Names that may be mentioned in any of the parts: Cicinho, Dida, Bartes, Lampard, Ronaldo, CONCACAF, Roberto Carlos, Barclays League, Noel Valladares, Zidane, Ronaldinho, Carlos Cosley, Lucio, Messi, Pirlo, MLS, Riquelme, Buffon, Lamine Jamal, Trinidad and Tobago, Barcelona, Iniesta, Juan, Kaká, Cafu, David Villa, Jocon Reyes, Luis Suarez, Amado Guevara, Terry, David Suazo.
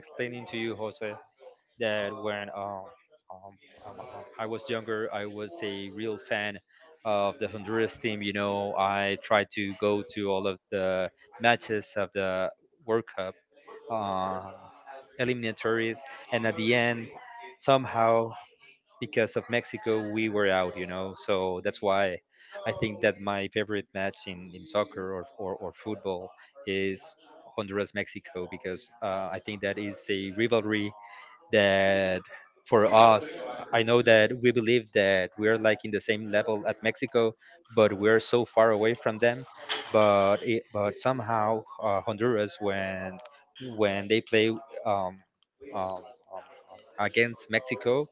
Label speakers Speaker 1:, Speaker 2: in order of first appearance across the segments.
Speaker 1: explaining to you, Jose, that when um, I was younger, I was a real fan of the Honduras team. You know, I tried to go to all of the matches of the World Cup uh, eliminatories, and at the end, somehow because of Mexico, we were out, you know. So that's why I think that my favorite match in soccer or football is Honduras Mexico because I think that is a rivalry that for us, I know that we believe that we're like in the same level at Mexico, but we're so far away from them. But somehow Honduras when they play um, um, um, against Mexico,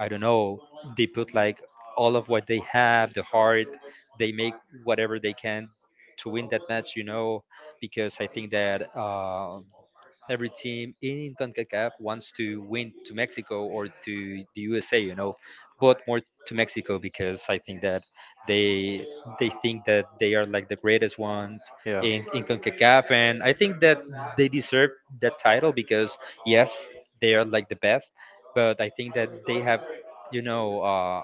Speaker 1: I don't know, they put like all of what they have, the heart, they make whatever they can to win that match, you know, because I think that every team in CONCACAF wants to win to Mexico or to the USA, you know, but more to Mexico because I think that they they think that they are like the greatest ones
Speaker 2: Yeah,
Speaker 1: in CONCACAF and I think that they deserve that title because yes, they are like the best, but I think that they have, you know, uh,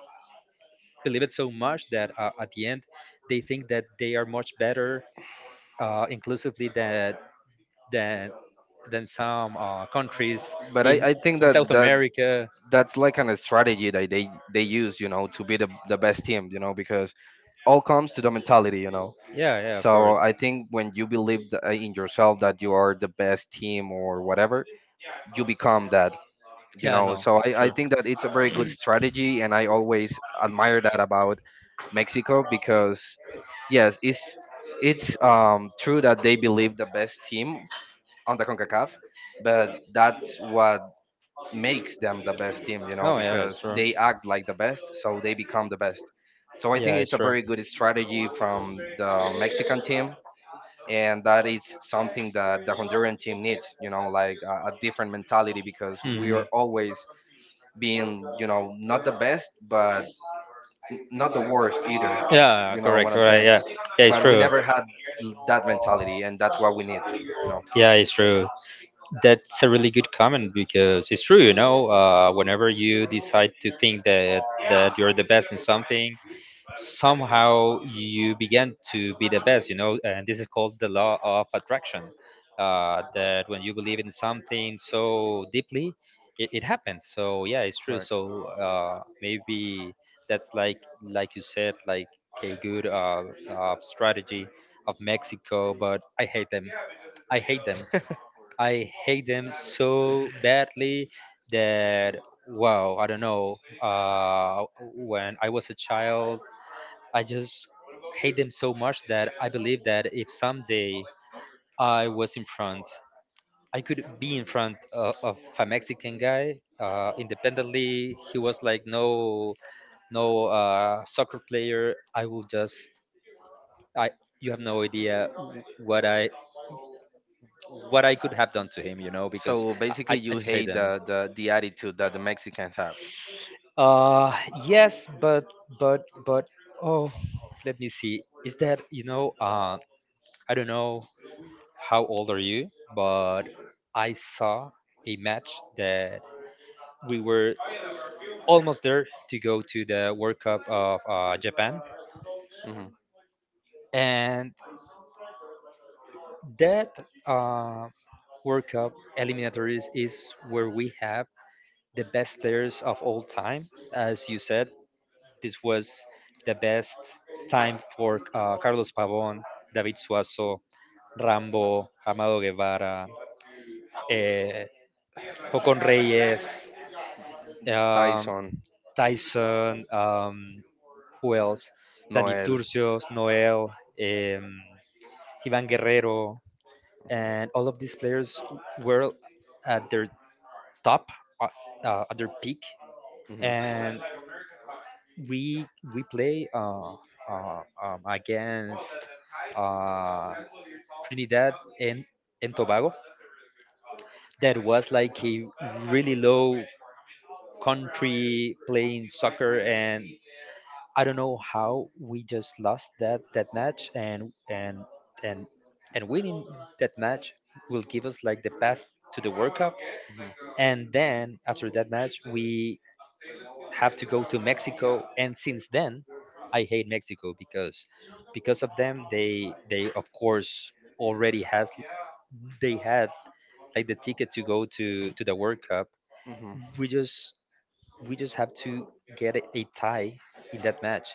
Speaker 1: believe it so much that at the end they think that they are much better inclusively than than some countries
Speaker 2: but I think
Speaker 1: in South
Speaker 2: that
Speaker 1: America.
Speaker 2: that's like kind of strategy that they use, you know, to be the best team, you know, because all comes to the mentality, you know.
Speaker 1: Yeah, yeah, of
Speaker 2: So
Speaker 1: course.
Speaker 2: I think when you believe in yourself that you are the best team or whatever, you become that, you
Speaker 1: Yeah,
Speaker 2: know.
Speaker 1: no.
Speaker 2: So I think that it's a very good strategy, and I always admire that about Mexico because yes, it's true that they believe the best team on the CONCACAF, but that's what makes them the best team, you know,
Speaker 1: Oh, yeah, it's
Speaker 2: because
Speaker 1: true.
Speaker 2: they act like the best, so they become the best. So I
Speaker 1: Yeah,
Speaker 2: think
Speaker 1: it's
Speaker 2: it's a
Speaker 1: true.
Speaker 2: very good strategy from the Mexican team, and that is something that the Honduran team needs, you know, like a different mentality because we
Speaker 1: Mhm.
Speaker 2: are always being, you know, not the best, but not the worst either.
Speaker 1: Yeah,
Speaker 2: You know
Speaker 1: correct,
Speaker 2: what I'm
Speaker 1: correct.
Speaker 2: saying?
Speaker 1: Yeah, yeah, it's
Speaker 2: But we
Speaker 1: true.
Speaker 2: never had that mentality, and that's what we need, you know.
Speaker 1: Yeah, it's true. That's a really good comment because it's true, you know, whenever you decide to think that you're the best in something, somehow you begin to be the best, you know, and this is called the law of attraction. That when you believe in something so deeply, it happens. So yeah, it's true.
Speaker 2: Correct.
Speaker 1: So maybe that's like you said, like a good strategy of Mexico, but I hate them. I hate them. I hate them so badly that wow, I don't know. When I was a child, I just hate them so much that I believe that if someday I was in front, I could be in front of a Mexican guy. Independently, he was like no, no soccer player. I will just I. You have no idea what I what I could have done to him, you know, because
Speaker 2: So basically,
Speaker 1: I
Speaker 2: you
Speaker 1: just hate
Speaker 2: hate
Speaker 1: them.
Speaker 2: the attitude that the Mexicans have.
Speaker 1: Uh, yes, but but oh, let me see. Is that you know? I don't know how old are you, but I saw a match that we were almost there to go to the World Cup of Japan,
Speaker 2: Hmm.
Speaker 1: and that uh, World Cup eliminatories is where we have the best players of all time, as you said. This was the best time for Carlos Pavón, David Suazo, Rambo, Amado Guevara, eh, Jocon Reyes, um,
Speaker 2: Tyson,
Speaker 1: Tyson, who else? Dani
Speaker 2: Noel.
Speaker 1: Turcios, Noel, um, Ivan Guerrero, and all of these players were at their top, uh, at their peak,
Speaker 2: Hmm.
Speaker 1: and we we play against. Uh, Trinidad and, and Tobago that was like a really low country playing soccer and I don't know how we just lost that match and and winning that match will give us like the pass to the World Cup
Speaker 2: Hmm.
Speaker 1: and then after that match we have to go to Mexico and since then I hate Mexico because of them they of course already has they had like the ticket to go to the World Cup.
Speaker 2: Hmm.
Speaker 1: We just we just have to get a tie in that match,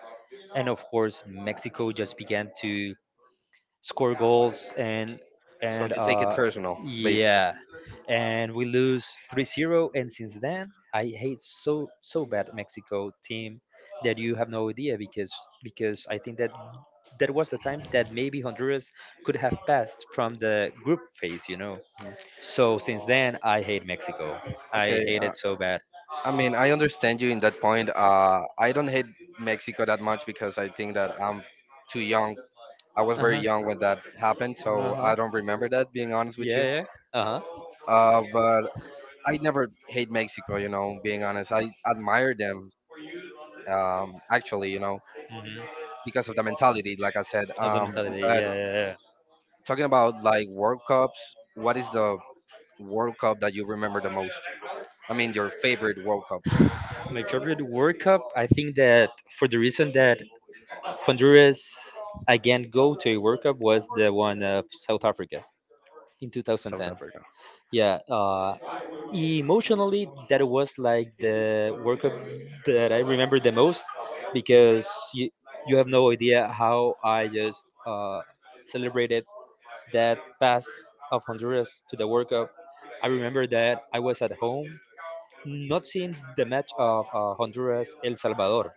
Speaker 1: and of course Mexico just began to score goals and
Speaker 2: So
Speaker 1: and
Speaker 2: you take it
Speaker 1: uh
Speaker 2: personal, basically.
Speaker 1: yeah, and we lose 3-0. And since then I hate so so bad Mexico team that you have no idea because I think that that was the time that maybe Honduras could have passed from the group phase, you know.
Speaker 2: Mhm.
Speaker 1: So since then, I hate Mexico. I
Speaker 2: Okay,
Speaker 1: hate it so bad.
Speaker 2: I mean, I understand you in that point. I don't hate Mexico that much because I think that I'm too young. I was very
Speaker 1: Uh
Speaker 2: young when that
Speaker 1: huh.
Speaker 2: happened,
Speaker 1: Uh
Speaker 2: so I
Speaker 1: huh.
Speaker 2: don't remember that, being honest with you.
Speaker 1: Yeah, yeah. Uh huh.
Speaker 2: But I never hate Mexico, you know, being honest. I admire them, actually.
Speaker 1: Hmm.
Speaker 2: Because of the mentality, like I said.
Speaker 1: Of the mentality,
Speaker 2: But
Speaker 1: yeah, yeah,
Speaker 2: talking about like World Cups, what is the World Cup that you remember the most? I mean, your favorite World Cup.
Speaker 1: yeah. My favorite World Cup, I think that for the reason that Honduras again go to a World Cup was the one of South Africa in
Speaker 2: South
Speaker 1: 2010.
Speaker 2: Africa.
Speaker 1: Yeah. Emotionally that was like the workup that I remember the most because you, you have no idea how I just celebrated that pass of Honduras to the World Cup. I remember that I was at home, not seeing the match of Honduras El Salvador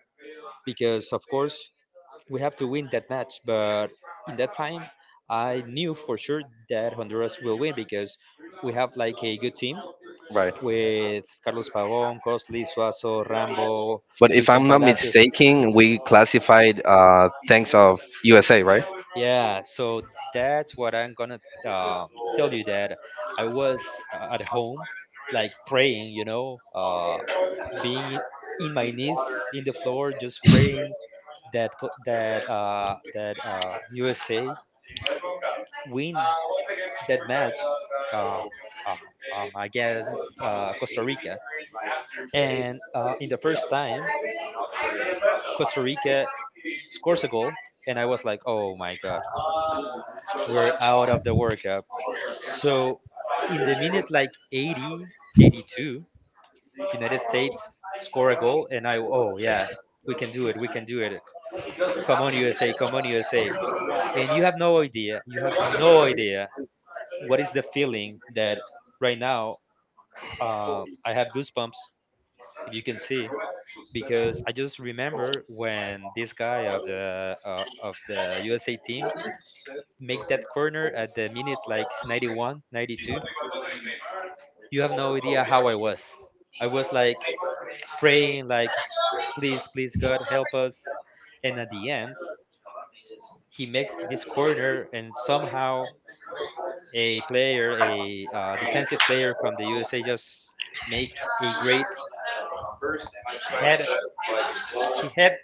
Speaker 1: because of course we have to win that match, but in that time I knew for sure that Honduras will win because we have like a good team
Speaker 2: Right.
Speaker 1: with Carlos Pavon, Costly, Suazo, Rambo,
Speaker 2: But if
Speaker 1: Wilson
Speaker 2: I'm not
Speaker 1: Palacios.
Speaker 2: mistaken, we classified thanks of USA, right?
Speaker 1: Yeah, so that's what I'm gonna uh, tell you that I was at home, like praying, you know, being in my knees in the floor, just praying that that USA win that match uh, uh, against Costa Rica. And in the first time, Costa Rica scores a goal, and I was like, oh my god, we're out of the World Cup. So in the minute like 80, 82, United States score a goal, and I, oh yeah, we can do it, we can do it. Come on, USA, come on, USA. And you have no idea, you have no idea what is the feeling that right now I have goosebumps, if you can see, because I just remember when this guy of the USA team make that corner at the minute like 91, 92. You have no idea how I was. I was like praying, like, please, please, God, help us. And at the end, he makes this corner, and somehow a player, a defensive player from the USA, just make a great head. He had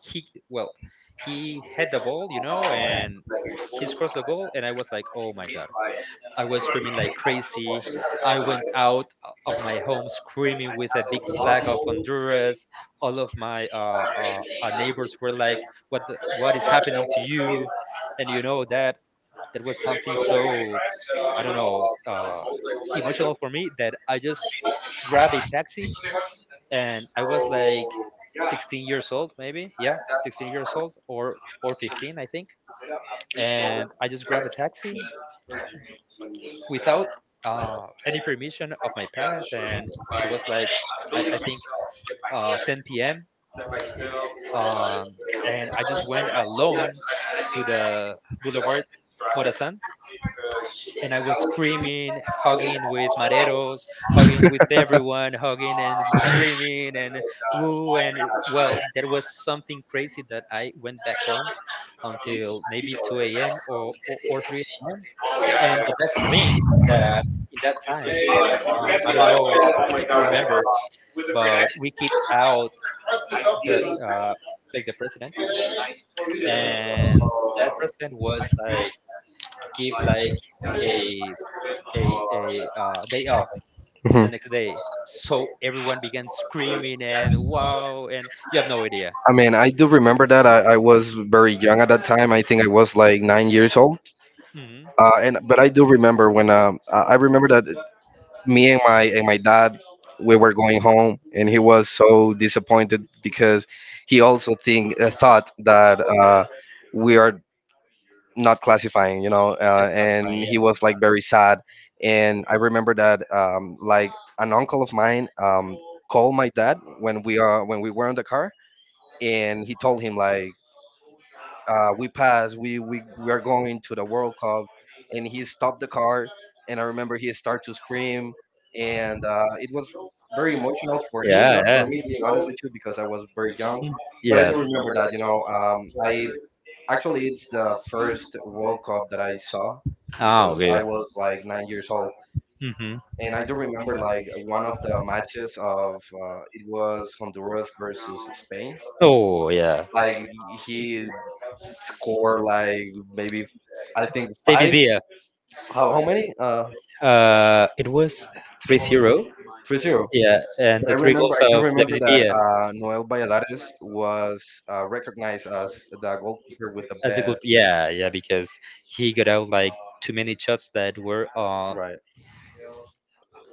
Speaker 1: he well, he had the ball, you know, and he scores the goal, and I was like, oh my God, I was screaming like crazy. I went of my home screaming with a big flag of Honduras. All of my neighbors were like, "What the, what is happening to you?" And you know that that was something so I don't know emotional for me that I just grabbed a taxi and I was like 16 years old, maybe yeah, 16 years old or 15, I think. And I just grabbed a taxi without any permission of my parents, and it was like I think 10 p.m. Um, and I just went alone to the Boulevard Morazan, and I was screaming, hugging with mareros, hugging with everyone, hugging and screaming and woo, and well, there was something crazy that I went back home until maybe 2 a.m. or 3 a.m. And the best thing that in that time um, I don't know if you remember, but we kicked out the uh, like the president, and that president was like give like a a day off
Speaker 2: Hmm.
Speaker 1: the next day. So everyone began screaming and wow, and you have no idea.
Speaker 2: I mean, I do remember that. I was very young at that time. I think I was like 9 years old.
Speaker 1: Hmm.
Speaker 2: And but I do remember when I remember that me and my dad, we were going home and he was so disappointed because he also think thought that we are not classifying, you know, and he was like very sad. And I remember that like an uncle of mine, called my dad when we are when we were in the car, and he told him like, we passed. We are going to the World Cup, and he stopped the car. And I remember he started to scream, and it was very
Speaker 1: Yeah,
Speaker 2: emotional for him,
Speaker 1: yeah,
Speaker 2: not for
Speaker 1: yeah.
Speaker 2: me, being honest
Speaker 1: Mm.
Speaker 2: with you, because I was very young. But I do
Speaker 1: Yes.
Speaker 2: remember that, you know, I actually it's the first World Cup that I saw
Speaker 1: Ah,
Speaker 2: because
Speaker 1: okay.
Speaker 2: I was like 9 years old,
Speaker 1: Hmm.
Speaker 2: and I do remember like one of the matches of, it was Honduras versus Spain,
Speaker 1: Oh, yeah.
Speaker 2: like he scored like maybe I think
Speaker 1: David
Speaker 2: five.
Speaker 1: Villa.
Speaker 2: How many?
Speaker 1: It was 3-0.
Speaker 2: 3-0.
Speaker 1: Yeah, and the
Speaker 2: I
Speaker 1: three
Speaker 2: remember
Speaker 1: goals
Speaker 2: I do
Speaker 1: of
Speaker 2: remember
Speaker 1: David
Speaker 2: that
Speaker 1: Villa
Speaker 2: Noel Valladares was recognized as the goalkeeper with the
Speaker 1: as the goal.
Speaker 2: best.
Speaker 1: Yeah, yeah, because he got out like too many shots that were
Speaker 2: Right.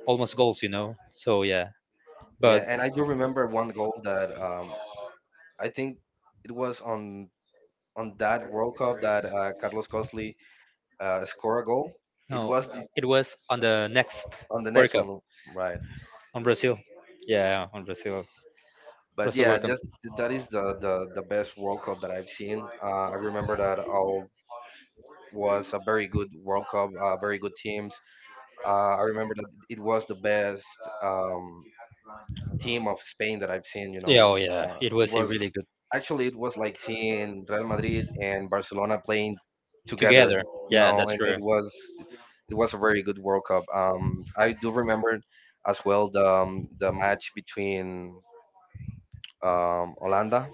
Speaker 1: almost goals, you know. So yeah,
Speaker 2: Yeah,
Speaker 1: but
Speaker 2: and I do remember one goal that, I think it was on that World Cup that Carlos Cosley scored a goal. It
Speaker 1: no,
Speaker 2: was the,
Speaker 1: it was on the next
Speaker 2: on the
Speaker 1: World
Speaker 2: next
Speaker 1: Cup
Speaker 2: one, right?
Speaker 1: on Brazil. Yeah, on Brazil,
Speaker 2: But
Speaker 1: Brazil
Speaker 2: yeah,
Speaker 1: World Cup.
Speaker 2: just that is the best World Cup that I've seen. I remember that all was a very good World Cup, very good teams. I remember that it was the best team of Spain that I've seen. You
Speaker 1: Yeah, oh
Speaker 2: know,
Speaker 1: yeah, it
Speaker 2: it
Speaker 1: was a
Speaker 2: was
Speaker 1: really
Speaker 2: actually, it was like seeing Real Madrid and Barcelona playing together.
Speaker 1: together.
Speaker 2: You
Speaker 1: Yeah,
Speaker 2: know,
Speaker 1: that's
Speaker 2: and
Speaker 1: true.
Speaker 2: it was a very good World Cup. I do remember as well the match between, Holanda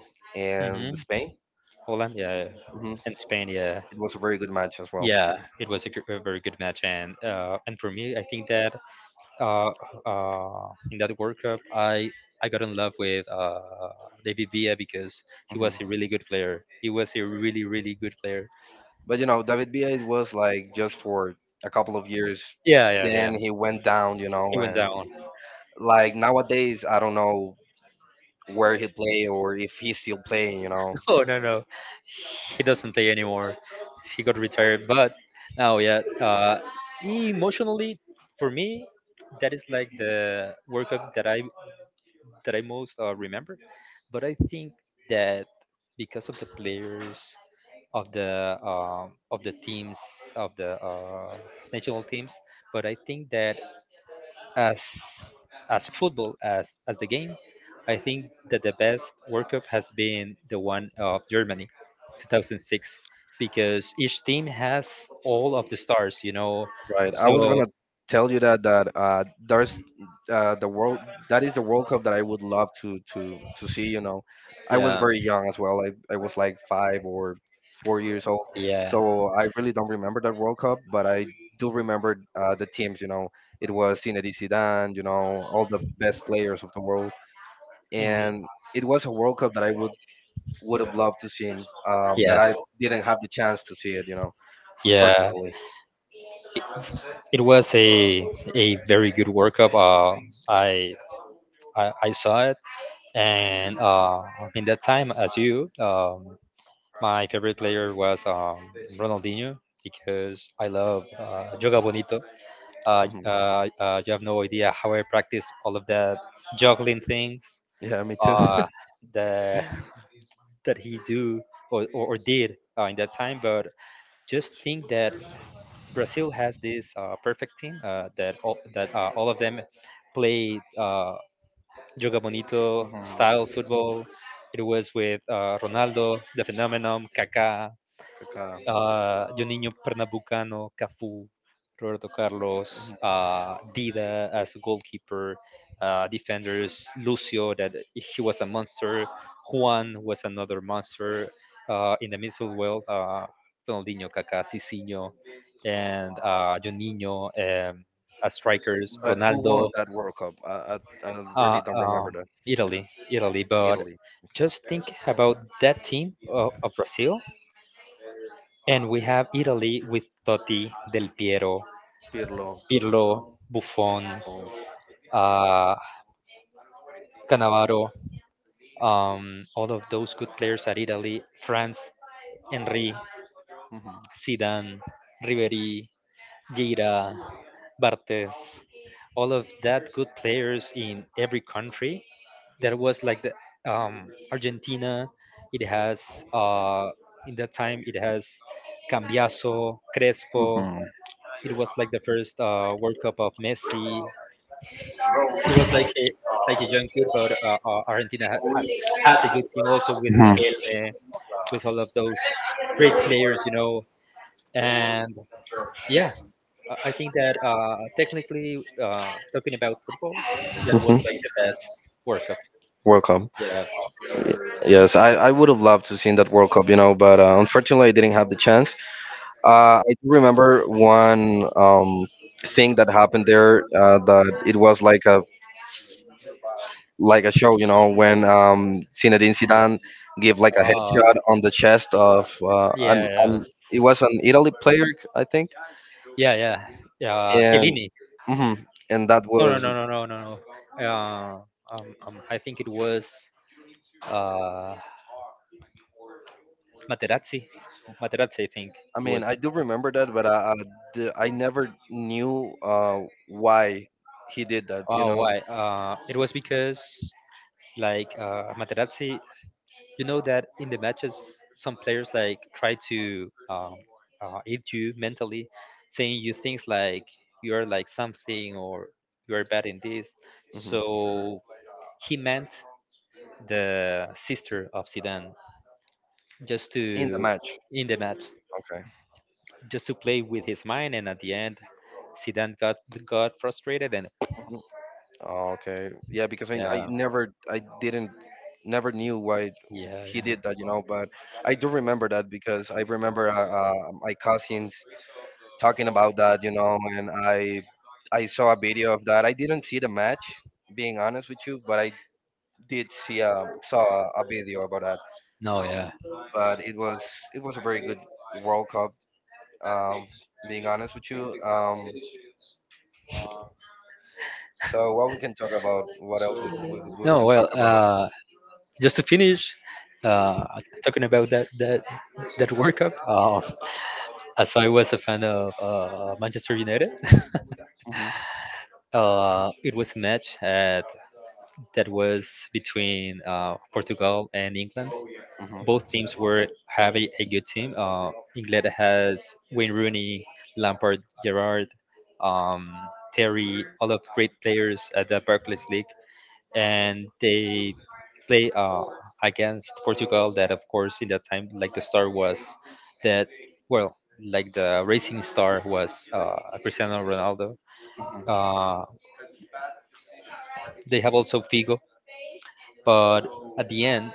Speaker 1: Hmm.
Speaker 2: and Spain.
Speaker 1: Holland, yeah,
Speaker 2: Hmm.
Speaker 1: and Spain, yeah,
Speaker 2: It was a very good match as well.
Speaker 1: yeah. It was a, gr- a very good match, and for me, I think that uh, in that World Cup, I got in love with David Villa because he was
Speaker 2: Hmm.
Speaker 1: a really good player. He was a really good player.
Speaker 2: But you know, David Villa, it was like just for a couple of years.
Speaker 1: Yeah, yeah,
Speaker 2: Then
Speaker 1: yeah.
Speaker 2: he went down, you
Speaker 1: He
Speaker 2: know,
Speaker 1: went
Speaker 2: and
Speaker 1: down.
Speaker 2: like nowadays I don't know where he play or if he's still playing.
Speaker 1: Oh no no, he doesn't play anymore. He got retired. But now, yeah, emotionally for me, that is like the World Cup that I most remember. But I think that because of the players of the teams of the national teams, but I think that as as football as the game, I think that the best World Cup has been the one of Germany, 2006, because each team has all of the stars, you know.
Speaker 2: Right. I was
Speaker 1: So
Speaker 2: gonna tell you that there's, the world that is the World Cup that I would love to see. You know, I was
Speaker 1: yeah,
Speaker 2: very young as well. I was like 5 or 4 years old,
Speaker 1: yeah,
Speaker 2: so I really don't remember that World Cup, but I do remember, the teams. You know, it was Zinedine Zidane. You know, all the best players of the world, and it was a World Cup that I would have loved to see,
Speaker 1: yeah,
Speaker 2: but I didn't have the chance to see it. You know,
Speaker 1: yeah.
Speaker 2: unfortunately.
Speaker 1: It was a very good World Cup. I, I saw it, and in that time, as you, my favorite player was Ronaldinho because I love Joga Bonito.
Speaker 2: Hmm.
Speaker 1: You have no idea how I practice all of that juggling things
Speaker 2: Yeah, me too.
Speaker 1: uh, that that he do or did in that time. But just think that Brazil has this perfect team that all of them play Joga Bonito
Speaker 2: Hmm.
Speaker 1: style football. It was with Ronaldo, the phenomenon, Kaká,
Speaker 2: Kaká.
Speaker 1: Juninho Pernambucano, Cafu, Roberto Carlos, Dida as goalkeeper, defenders, Lucio, that he was a monster, Juan was another monster, in the midfield, well, Ronaldinho, Kaká, Cicinho, and Juninho, as strikers,
Speaker 2: But who won
Speaker 1: Ronaldo,
Speaker 2: that World Cup? I really
Speaker 1: uh,
Speaker 2: don't remember
Speaker 1: um,
Speaker 2: that.
Speaker 1: Italy. Italy, but
Speaker 2: Italy. Okay.
Speaker 1: just think about that team of Brazil, and we have Italy with Totti, Del Piero,
Speaker 2: Pirlo.
Speaker 1: Pirlo, Buffon,
Speaker 2: Oh.
Speaker 1: uh, Cannavaro, all of those good players at Italy. France, Henry,
Speaker 2: Hmm.
Speaker 1: Zidane, Ribery, Gira, Bartes, all of that good players in every country. There was Yes. like the Argentina. It has In that time, it has Cambiaso, Crespo.
Speaker 2: Hmm.
Speaker 1: It was like the first World Cup of Messi. He was like a young kid, but Argentina has a good team also with
Speaker 2: Hmm.
Speaker 1: Riquelme, with all of those great players. And yeah, I think that technically, talking about football, that
Speaker 2: Hmm.
Speaker 1: was like the best World Cup.
Speaker 2: World Cup.
Speaker 1: Yeah.
Speaker 2: Yes, I would have loved to seen that World Cup, you know, but unfortunately I didn't have the chance. I do remember one, thing that happened there, that it was like a show, you know, when, Zinedine Zidane gave like a
Speaker 1: Uh,
Speaker 2: headshot on the chest of,
Speaker 1: yeah, yeah,
Speaker 2: an it was an Italy player, I think,
Speaker 1: yeah, yeah.
Speaker 2: and,
Speaker 1: Chiellini.
Speaker 2: mhm, and that
Speaker 1: No, no,
Speaker 2: was.
Speaker 1: no, no, no, no, no. I think it was. Uh, Materazzi. Materazzi, I think
Speaker 2: I
Speaker 1: it
Speaker 2: mean,
Speaker 1: was.
Speaker 2: I do remember that, but I never knew, why he did that. You
Speaker 1: Oh,
Speaker 2: know,
Speaker 1: why? It was because like Materazzi, you know that in the matches, some players like try to aid you mentally, saying you things like you are like something or you are bad in this.
Speaker 2: hmm.
Speaker 1: So he meant the sister of Zidane just
Speaker 2: In the
Speaker 1: to
Speaker 2: match.
Speaker 1: in the match,
Speaker 2: Okay.
Speaker 1: just to play with his mind, and at the end, Zidane got frustrated and
Speaker 2: Mm-hmm. Oh, okay. Yeah, because I
Speaker 1: yeah,
Speaker 2: never I didn't never knew why
Speaker 1: yeah,
Speaker 2: he
Speaker 1: yeah.
Speaker 2: did that. But I do remember that because I remember, my cousins talking about that, you know, and I saw a video of that. I didn't see the match, being honest with you, but I did see saw a video about that.
Speaker 1: No, yeah.
Speaker 2: But it was a very good World Cup. Um, Being honest with you. So what we can talk about? What else we we
Speaker 1: No,
Speaker 2: can talk
Speaker 1: well,
Speaker 2: about?
Speaker 1: just to finish, uh, talking about that World Cup. As I was a fan of Manchester United,
Speaker 2: Hmm.
Speaker 1: it was that was between Portugal and England. Both teams were having a good team. England has Wayne Rooney, Lampard, Gerrard, um, Terry, all of great players at the Barclays League, and they play against Portugal. That, of course, in that time, that well, like the racing star was Cristiano Ronaldo.
Speaker 2: Hmm.
Speaker 1: Uh, they have also Figo, but at the end,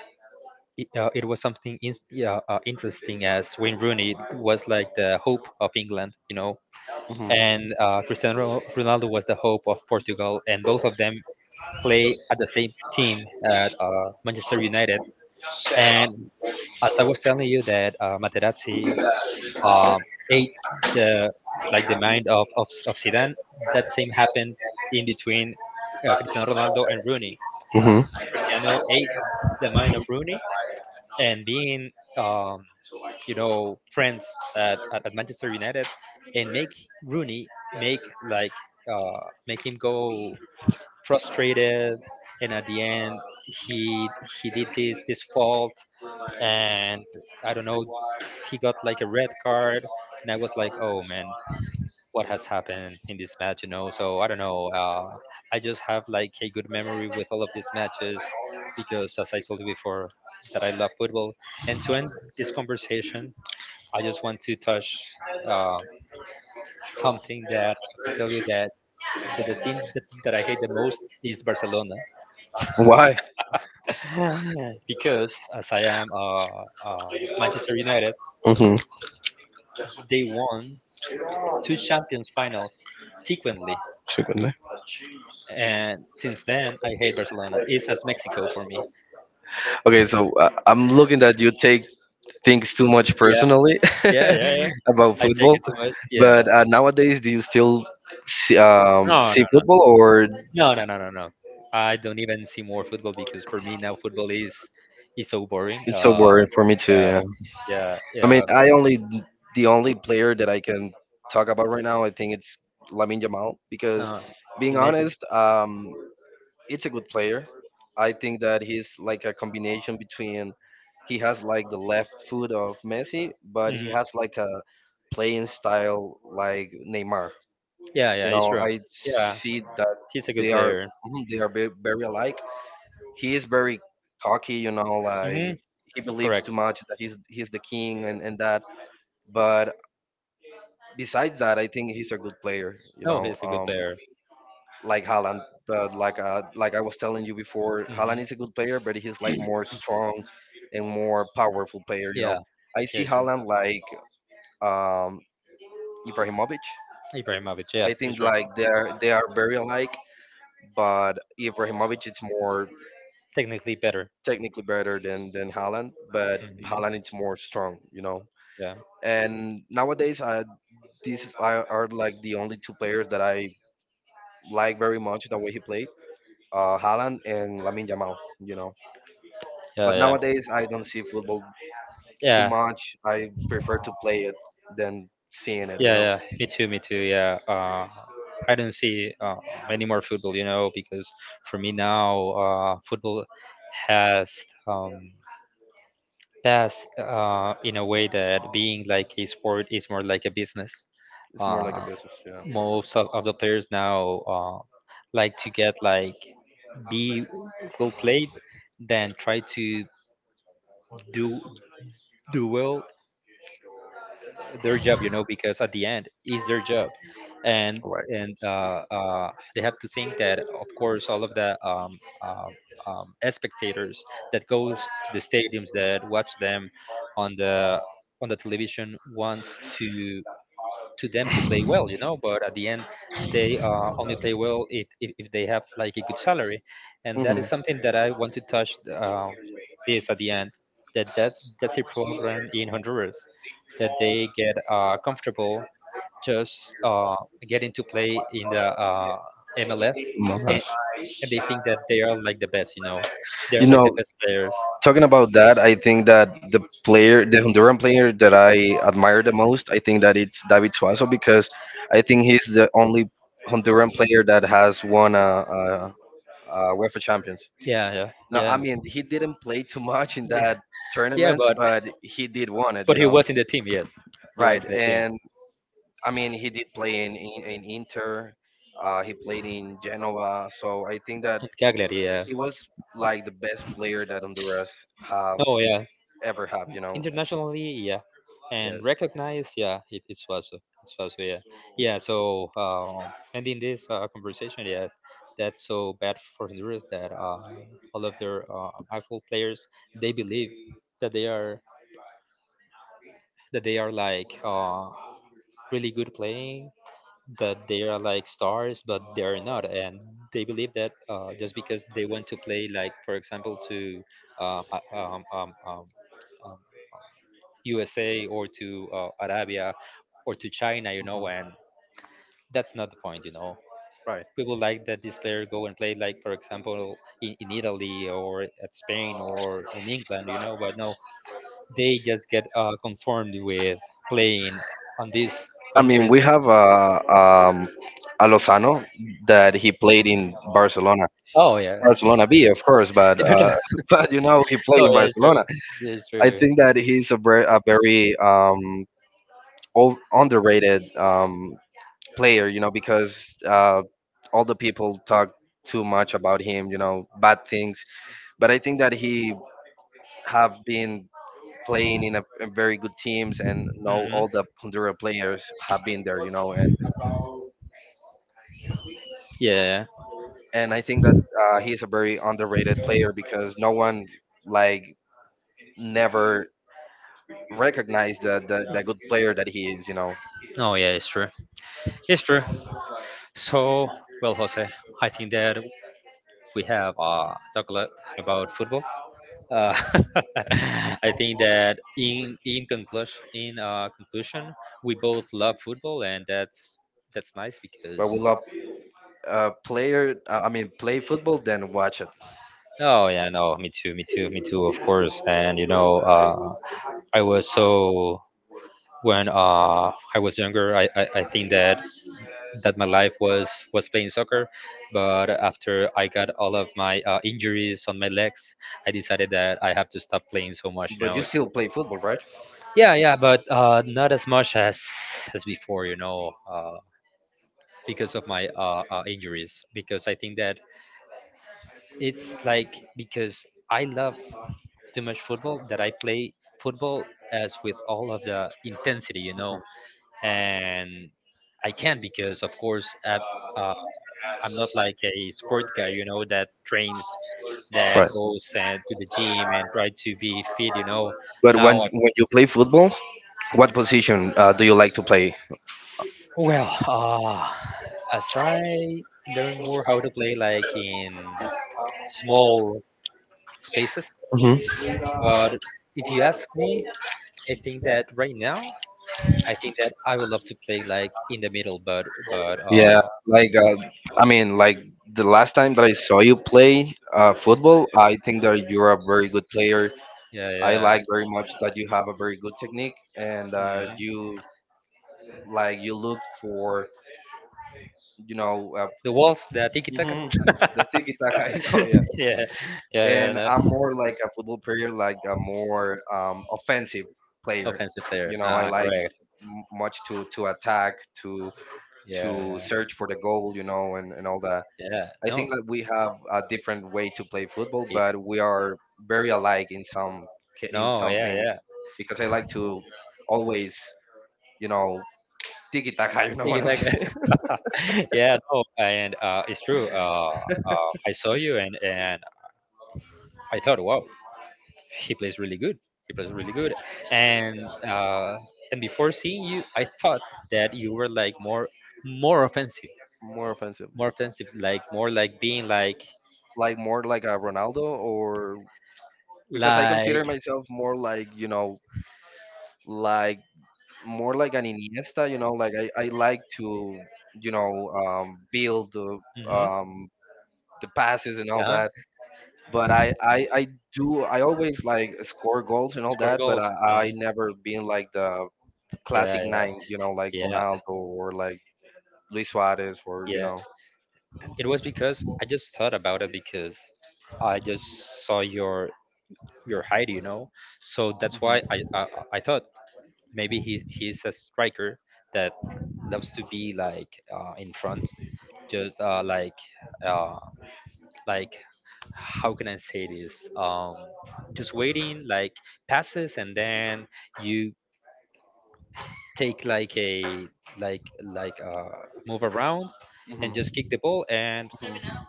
Speaker 1: it was something yeah, interesting, as Wayne Rooney was like the hope of England, you know,
Speaker 2: Hmm.
Speaker 1: and Cristiano Ronaldo was the hope of Portugal, and both of them play at the same team at Manchester United. And as I was telling you that Materazzi, um, ate the like the mind of Zidane, that same happened in between Cristiano Ronaldo and Rooney.
Speaker 2: Hmm.
Speaker 1: Cristiano ate the mind of Rooney, and being um, friends at Manchester United, and make Rooney make like make him go frustrated, and at the end he he did this fault and I don't know, he got like a red card, and I was like, oh man, what has happened in this match, you know? So I don't know. I just have like a good memory with all of these matches because, as I told you before, that I love football. And to end this conversation, I just want to touch uh, something that I have to tell you, that the team that I hate the most is Barcelona
Speaker 2: Why?
Speaker 1: because as I am uh, Manchester United,
Speaker 2: Hmm.
Speaker 1: they won two Champions finals sequently,
Speaker 2: Secondly.
Speaker 1: and since then I hate Barcelona. It's as Mexico for me.
Speaker 2: Okay, so, I'm looking that you take things too much
Speaker 1: Yeah,
Speaker 2: personally.
Speaker 1: yeah, yeah, yeah.
Speaker 2: About
Speaker 1: I take
Speaker 2: football,
Speaker 1: it too much. Yeah.
Speaker 2: but, nowadays, do you still see, um,
Speaker 1: No,
Speaker 2: see
Speaker 1: no, no,
Speaker 2: football, or
Speaker 1: no, no, no, no, no. I don't even see more football because for me now football is so boring.
Speaker 2: it's so boring for me too?
Speaker 1: Yeah,
Speaker 2: Yeah,
Speaker 1: yeah,
Speaker 2: I mean,
Speaker 1: yeah.
Speaker 2: I only the only player that I can talk about right now, I think it's Lamine Jamal because,
Speaker 1: No,
Speaker 2: being
Speaker 1: imagine.
Speaker 2: honest, it's a good player. I think that he's like a combination between he has like the left foot of Messi, but he
Speaker 1: Mhm.
Speaker 2: has like a playing style like Neymar.
Speaker 1: Yeah, yeah,
Speaker 2: You
Speaker 1: it's
Speaker 2: know,
Speaker 1: true.
Speaker 2: I
Speaker 1: Yeah,
Speaker 2: see that
Speaker 1: he's a good
Speaker 2: they are
Speaker 1: player.
Speaker 2: mhm, they are very alike. He is very cocky, you know,
Speaker 1: Mhm.
Speaker 2: like he believes
Speaker 1: Correct.
Speaker 2: too much that he's the king and, that. But besides that, I think he's a good player. You
Speaker 1: No,
Speaker 2: know,
Speaker 1: he's a good player.
Speaker 2: like Haaland, but like I was telling you before, Haaland
Speaker 1: Mhm.
Speaker 2: is a good player, but he's like more strong and more powerful player. You know,
Speaker 1: Yeah,
Speaker 2: I see
Speaker 1: yeah,
Speaker 2: Haaland
Speaker 1: right.
Speaker 2: like, um, Ibrahimovic.
Speaker 1: Ibrahimovic, yeah,
Speaker 2: I think
Speaker 1: he's right.
Speaker 2: like they are very alike, but Ibrahimovic is more
Speaker 1: Technically better.
Speaker 2: technically better than Haaland, but Haaland is
Speaker 1: Mhm.
Speaker 2: more strong. You know,
Speaker 1: Yeah,
Speaker 2: and nowadays, these are like the only two players that I like very much the way he played, Haaland and Lamin Jamal. You know.
Speaker 1: yeah,
Speaker 2: But
Speaker 1: yeah.
Speaker 2: nowadays, I don't see football too
Speaker 1: Yeah,
Speaker 2: much. I prefer to play it than seeing it. You
Speaker 1: yeah,
Speaker 2: know,
Speaker 1: yeah. Me too, me too. Yeah. I don't see any more football, you know, because for me now, football has um, that's in a way that being like a sport is more like a business.
Speaker 2: it's more like a
Speaker 1: Uh,
Speaker 2: business. Yeah.
Speaker 1: Most of the players now like to get like be well played than try to do do well their job, you know, because at the end is their job, and
Speaker 2: All right.
Speaker 1: and they have to think that, of course, all of the spectators that goes to the stadiums that watch them on the television wants to them to play well, you know. But at the end, they only play well if they have like a good salary, and that
Speaker 2: Mm-hmm.
Speaker 1: is something that I want to touch this at the end. That that that's a problem in Honduras, that they get comfortable just getting to play in the MLS, and,
Speaker 2: Nice.
Speaker 1: and they think that they are like the best, you know.
Speaker 2: You
Speaker 1: They're like
Speaker 2: know,
Speaker 1: the best players.
Speaker 2: talking about that, I think that the Honduran player that I admire the most, I think that it's David Suazo because I think he's the only Honduran player that has won a UEFA Champions.
Speaker 1: Yeah, yeah,
Speaker 2: No, I
Speaker 1: yeah,
Speaker 2: mean he didn't play too much in
Speaker 1: yeah.
Speaker 2: that
Speaker 1: Yeah,
Speaker 2: tournament,
Speaker 1: but
Speaker 2: but he did won it. You
Speaker 1: He
Speaker 2: know,
Speaker 1: was in the team, yes. He was
Speaker 2: right?
Speaker 1: in the team.
Speaker 2: And I mean, he did play in Inter. He played in Genoa, so I think that
Speaker 1: Cagliari, yeah.
Speaker 2: he was like the best player that Honduras have
Speaker 1: Oh, yeah.
Speaker 2: ever have. You know,
Speaker 1: Internationally, yeah. And
Speaker 2: yes.
Speaker 1: recognized, yeah, it was. It was, yeah. Yeah, so ending this conversation, yes, that's so bad for Honduras that all of their actual players, they believe that they are that they are like really good playing, that they are like stars, but they are not, and they believe that just because they want to play, like for example, to uh, uh, um, um, um, um, USA or to Arabia or to China, you know,
Speaker 2: Mhm.
Speaker 1: and that's not the point, you know.
Speaker 2: Right.
Speaker 1: We would like that this player go and play, like for example, in Italy or at Spain or in England, you know. But no, they just get conformed with playing on these
Speaker 2: I mean,
Speaker 1: countries.
Speaker 2: we have, a Lozano that he played in Barcelona.
Speaker 1: Oh yeah,
Speaker 2: Barcelona B, of course, but
Speaker 1: it was
Speaker 2: but you know he played
Speaker 1: oh
Speaker 2: in
Speaker 1: yeah, sure.
Speaker 2: Barcelona.
Speaker 1: Yeah,
Speaker 2: I
Speaker 1: sure.
Speaker 2: think that he's a very underrated player, you know, because, all the people talk too much about him, you know, bad things. But I think that he have been playing in very good teams, and now
Speaker 1: Mm-hmm.
Speaker 2: all the Honduras players have been there, you know,
Speaker 1: Yeah.
Speaker 2: and I think that, he is a very underrated player because no one like never recognize the good player that he is.
Speaker 1: Oh yeah, it's true. It's true. So well, Jose, I think that we have talked a lot about football. Uh, I think that in conclusion, we both love football, and that's nice because
Speaker 2: But we love, player. I mean, play football, then watch it.
Speaker 1: oh yeah, no, me too, me too, me too, of course. And you know, I was so when I was younger, I think that my life was playing soccer. But after I got all of my injuries on my legs, I decided that I have to stop playing so much, you
Speaker 2: But
Speaker 1: know.
Speaker 2: you still
Speaker 1: So,
Speaker 2: play football, right?
Speaker 1: yeah, yeah, but not as much as before, you know, because of my injuries. Because I think that it's like because I love too much football that I play football as with all of the intensity,
Speaker 2: Mhm.
Speaker 1: and I can't because, of course, uh, I'm not like a sport guy, that trains, that
Speaker 2: Right.
Speaker 1: goes to the gym and try to be fit.
Speaker 2: But when
Speaker 1: Now,
Speaker 2: when you play football, what position, do you like to play?
Speaker 1: well, as I learn more how to play like in small spaces,
Speaker 2: Hmm.
Speaker 1: but if you ask me, I think that right now, I think that I would love to play like in the middle, but but
Speaker 2: Yeah,
Speaker 1: uh,
Speaker 2: like, I mean, like the last time that I saw you play, football, I think that you're a very good player.
Speaker 1: Yeah,
Speaker 2: I
Speaker 1: yeah.
Speaker 2: like very much that you have a very good technique and,
Speaker 1: Mhm.
Speaker 2: you look for, you know uh,
Speaker 1: The walls, the tiki taka,
Speaker 2: hmm, the
Speaker 1: the
Speaker 2: tiki taka. You know, yeah.
Speaker 1: yeah, yeah,
Speaker 2: And
Speaker 1: yeah.
Speaker 2: I'm more
Speaker 1: No.
Speaker 2: like a football player, like a more, offensive player.
Speaker 1: Offensive player.
Speaker 2: You know, I like
Speaker 1: Correct.
Speaker 2: much to attack to.
Speaker 1: Yeah,
Speaker 2: To
Speaker 1: yeah,
Speaker 2: search for the goal, you know, and, all that.
Speaker 1: yeah.
Speaker 2: I
Speaker 1: No,
Speaker 2: think that we have a different way to play football,
Speaker 1: yeah,
Speaker 2: but we are very alike in some ca- in
Speaker 1: no,
Speaker 2: some
Speaker 1: yeah,
Speaker 2: things
Speaker 1: yeah.
Speaker 2: because I like to always, you know, tiki taka. You know
Speaker 1: Tiki
Speaker 2: what I'm
Speaker 1: taka.
Speaker 2: saying?
Speaker 1: Yeah, no, and it's true. I saw you, and I thought, wow, he plays really good. He plays really good, and before seeing you, I thought that you were like more offensive.
Speaker 2: More offensive,
Speaker 1: More offensive, like more like being like
Speaker 2: like more like a Ronaldo, or because I consider
Speaker 1: like
Speaker 2: myself like more like an Iniesta. You know, like I like to, build
Speaker 1: hmm
Speaker 2: um, the passes and all
Speaker 1: yeah,
Speaker 2: that, but I always like score goals and all
Speaker 1: score
Speaker 2: that, but
Speaker 1: goals.
Speaker 2: I never been like the
Speaker 1: Yeah,
Speaker 2: classic nine, you know, like
Speaker 1: yeah, yeah,
Speaker 2: Ronaldo or like Luis Suarez or you
Speaker 1: yeah.
Speaker 2: know.
Speaker 1: It was because I just thought about it because I just saw your height, you know. So that's why
Speaker 2: Hmm.
Speaker 1: I thought maybe he's a striker that loves to be like in front, just like. Uh, like, how can I say this? Just waiting like passes and then you take like a like like uh move around and just
Speaker 2: Hmm.
Speaker 1: kick the ball and
Speaker 2: Hmm.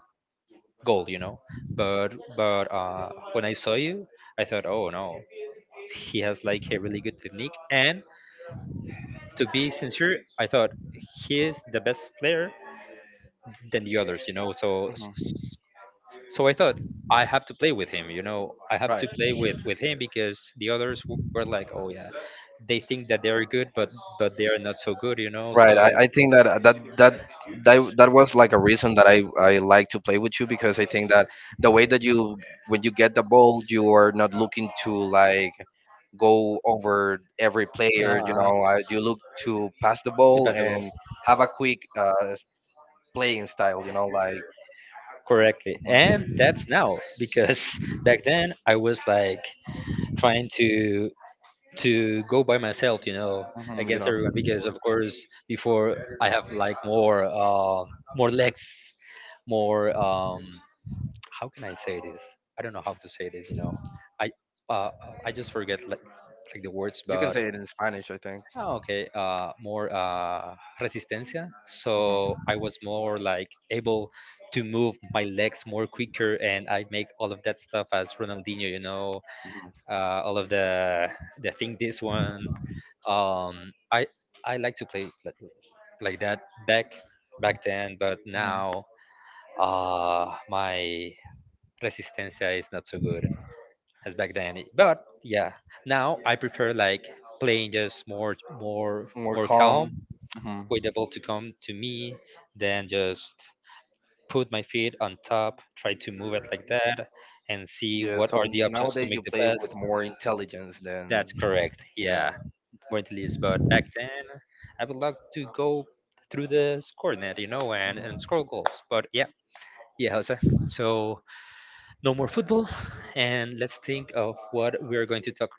Speaker 1: goal, you know. But when I saw you, I thought, oh no, he has like a really good technique. And to be sincere, I thought he is the best player than the others, you know. So
Speaker 2: Hmm.
Speaker 1: So I thought I have to play with him. You know, I have to
Speaker 2: Right,
Speaker 1: play with him because the others were like, oh yeah, they think that they are good, but they are not so good. You know,
Speaker 2: right.
Speaker 1: so
Speaker 2: I think that, that that. That was like a reason that I like to play with you because I think that the way that you, when you get the ball you are not looking to like go over every player,
Speaker 1: to
Speaker 2: you look to pass the
Speaker 1: pass the
Speaker 2: ball
Speaker 1: basketball
Speaker 2: and have a quick, playing style, you know, like
Speaker 1: correctly,
Speaker 2: mhm,
Speaker 1: and that's now because back then I was like trying to go by myself. You know,
Speaker 2: mhm, you
Speaker 1: against
Speaker 2: know,
Speaker 1: everyone because of course before I have like more more legs, more. How can I say this? I don't know how to say this. You know, I uh, I just forget like the words,
Speaker 2: you can
Speaker 1: but
Speaker 2: say it in Spanish, I think.
Speaker 1: oh, okay, more resistencia. So
Speaker 2: Hmm.
Speaker 1: I was more like able to move my legs more quicker, and I make all of that stuff as Ronaldinho. You know, all of the thing this one. Um, I I like to play like that back back then, but
Speaker 2: Hmm.
Speaker 1: now my Resistencia is not so good as back then. But yeah, now I prefer like playing just
Speaker 2: More
Speaker 1: more
Speaker 2: calm.
Speaker 1: calm,
Speaker 2: Hmm.
Speaker 1: with the ball to come to me, then just put my feet on top, try to move it like that, and see
Speaker 2: Yeah.
Speaker 1: what
Speaker 2: So
Speaker 1: are the options to
Speaker 2: nowadays you
Speaker 1: make the
Speaker 2: play with
Speaker 1: pass.
Speaker 2: more intelligence than.
Speaker 1: That's correct. Yeah,
Speaker 2: Yeah.
Speaker 1: where it is. But back then, I would like to go through the score net, you know, and
Speaker 2: Mhm.
Speaker 1: score goals. But yeah, yeah, Jose. So no more football, and let's think of what we are going to talk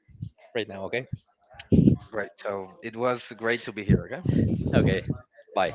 Speaker 1: right now. Okay,
Speaker 2: Great. So it was great to be here. Okay.
Speaker 1: okay. Bye.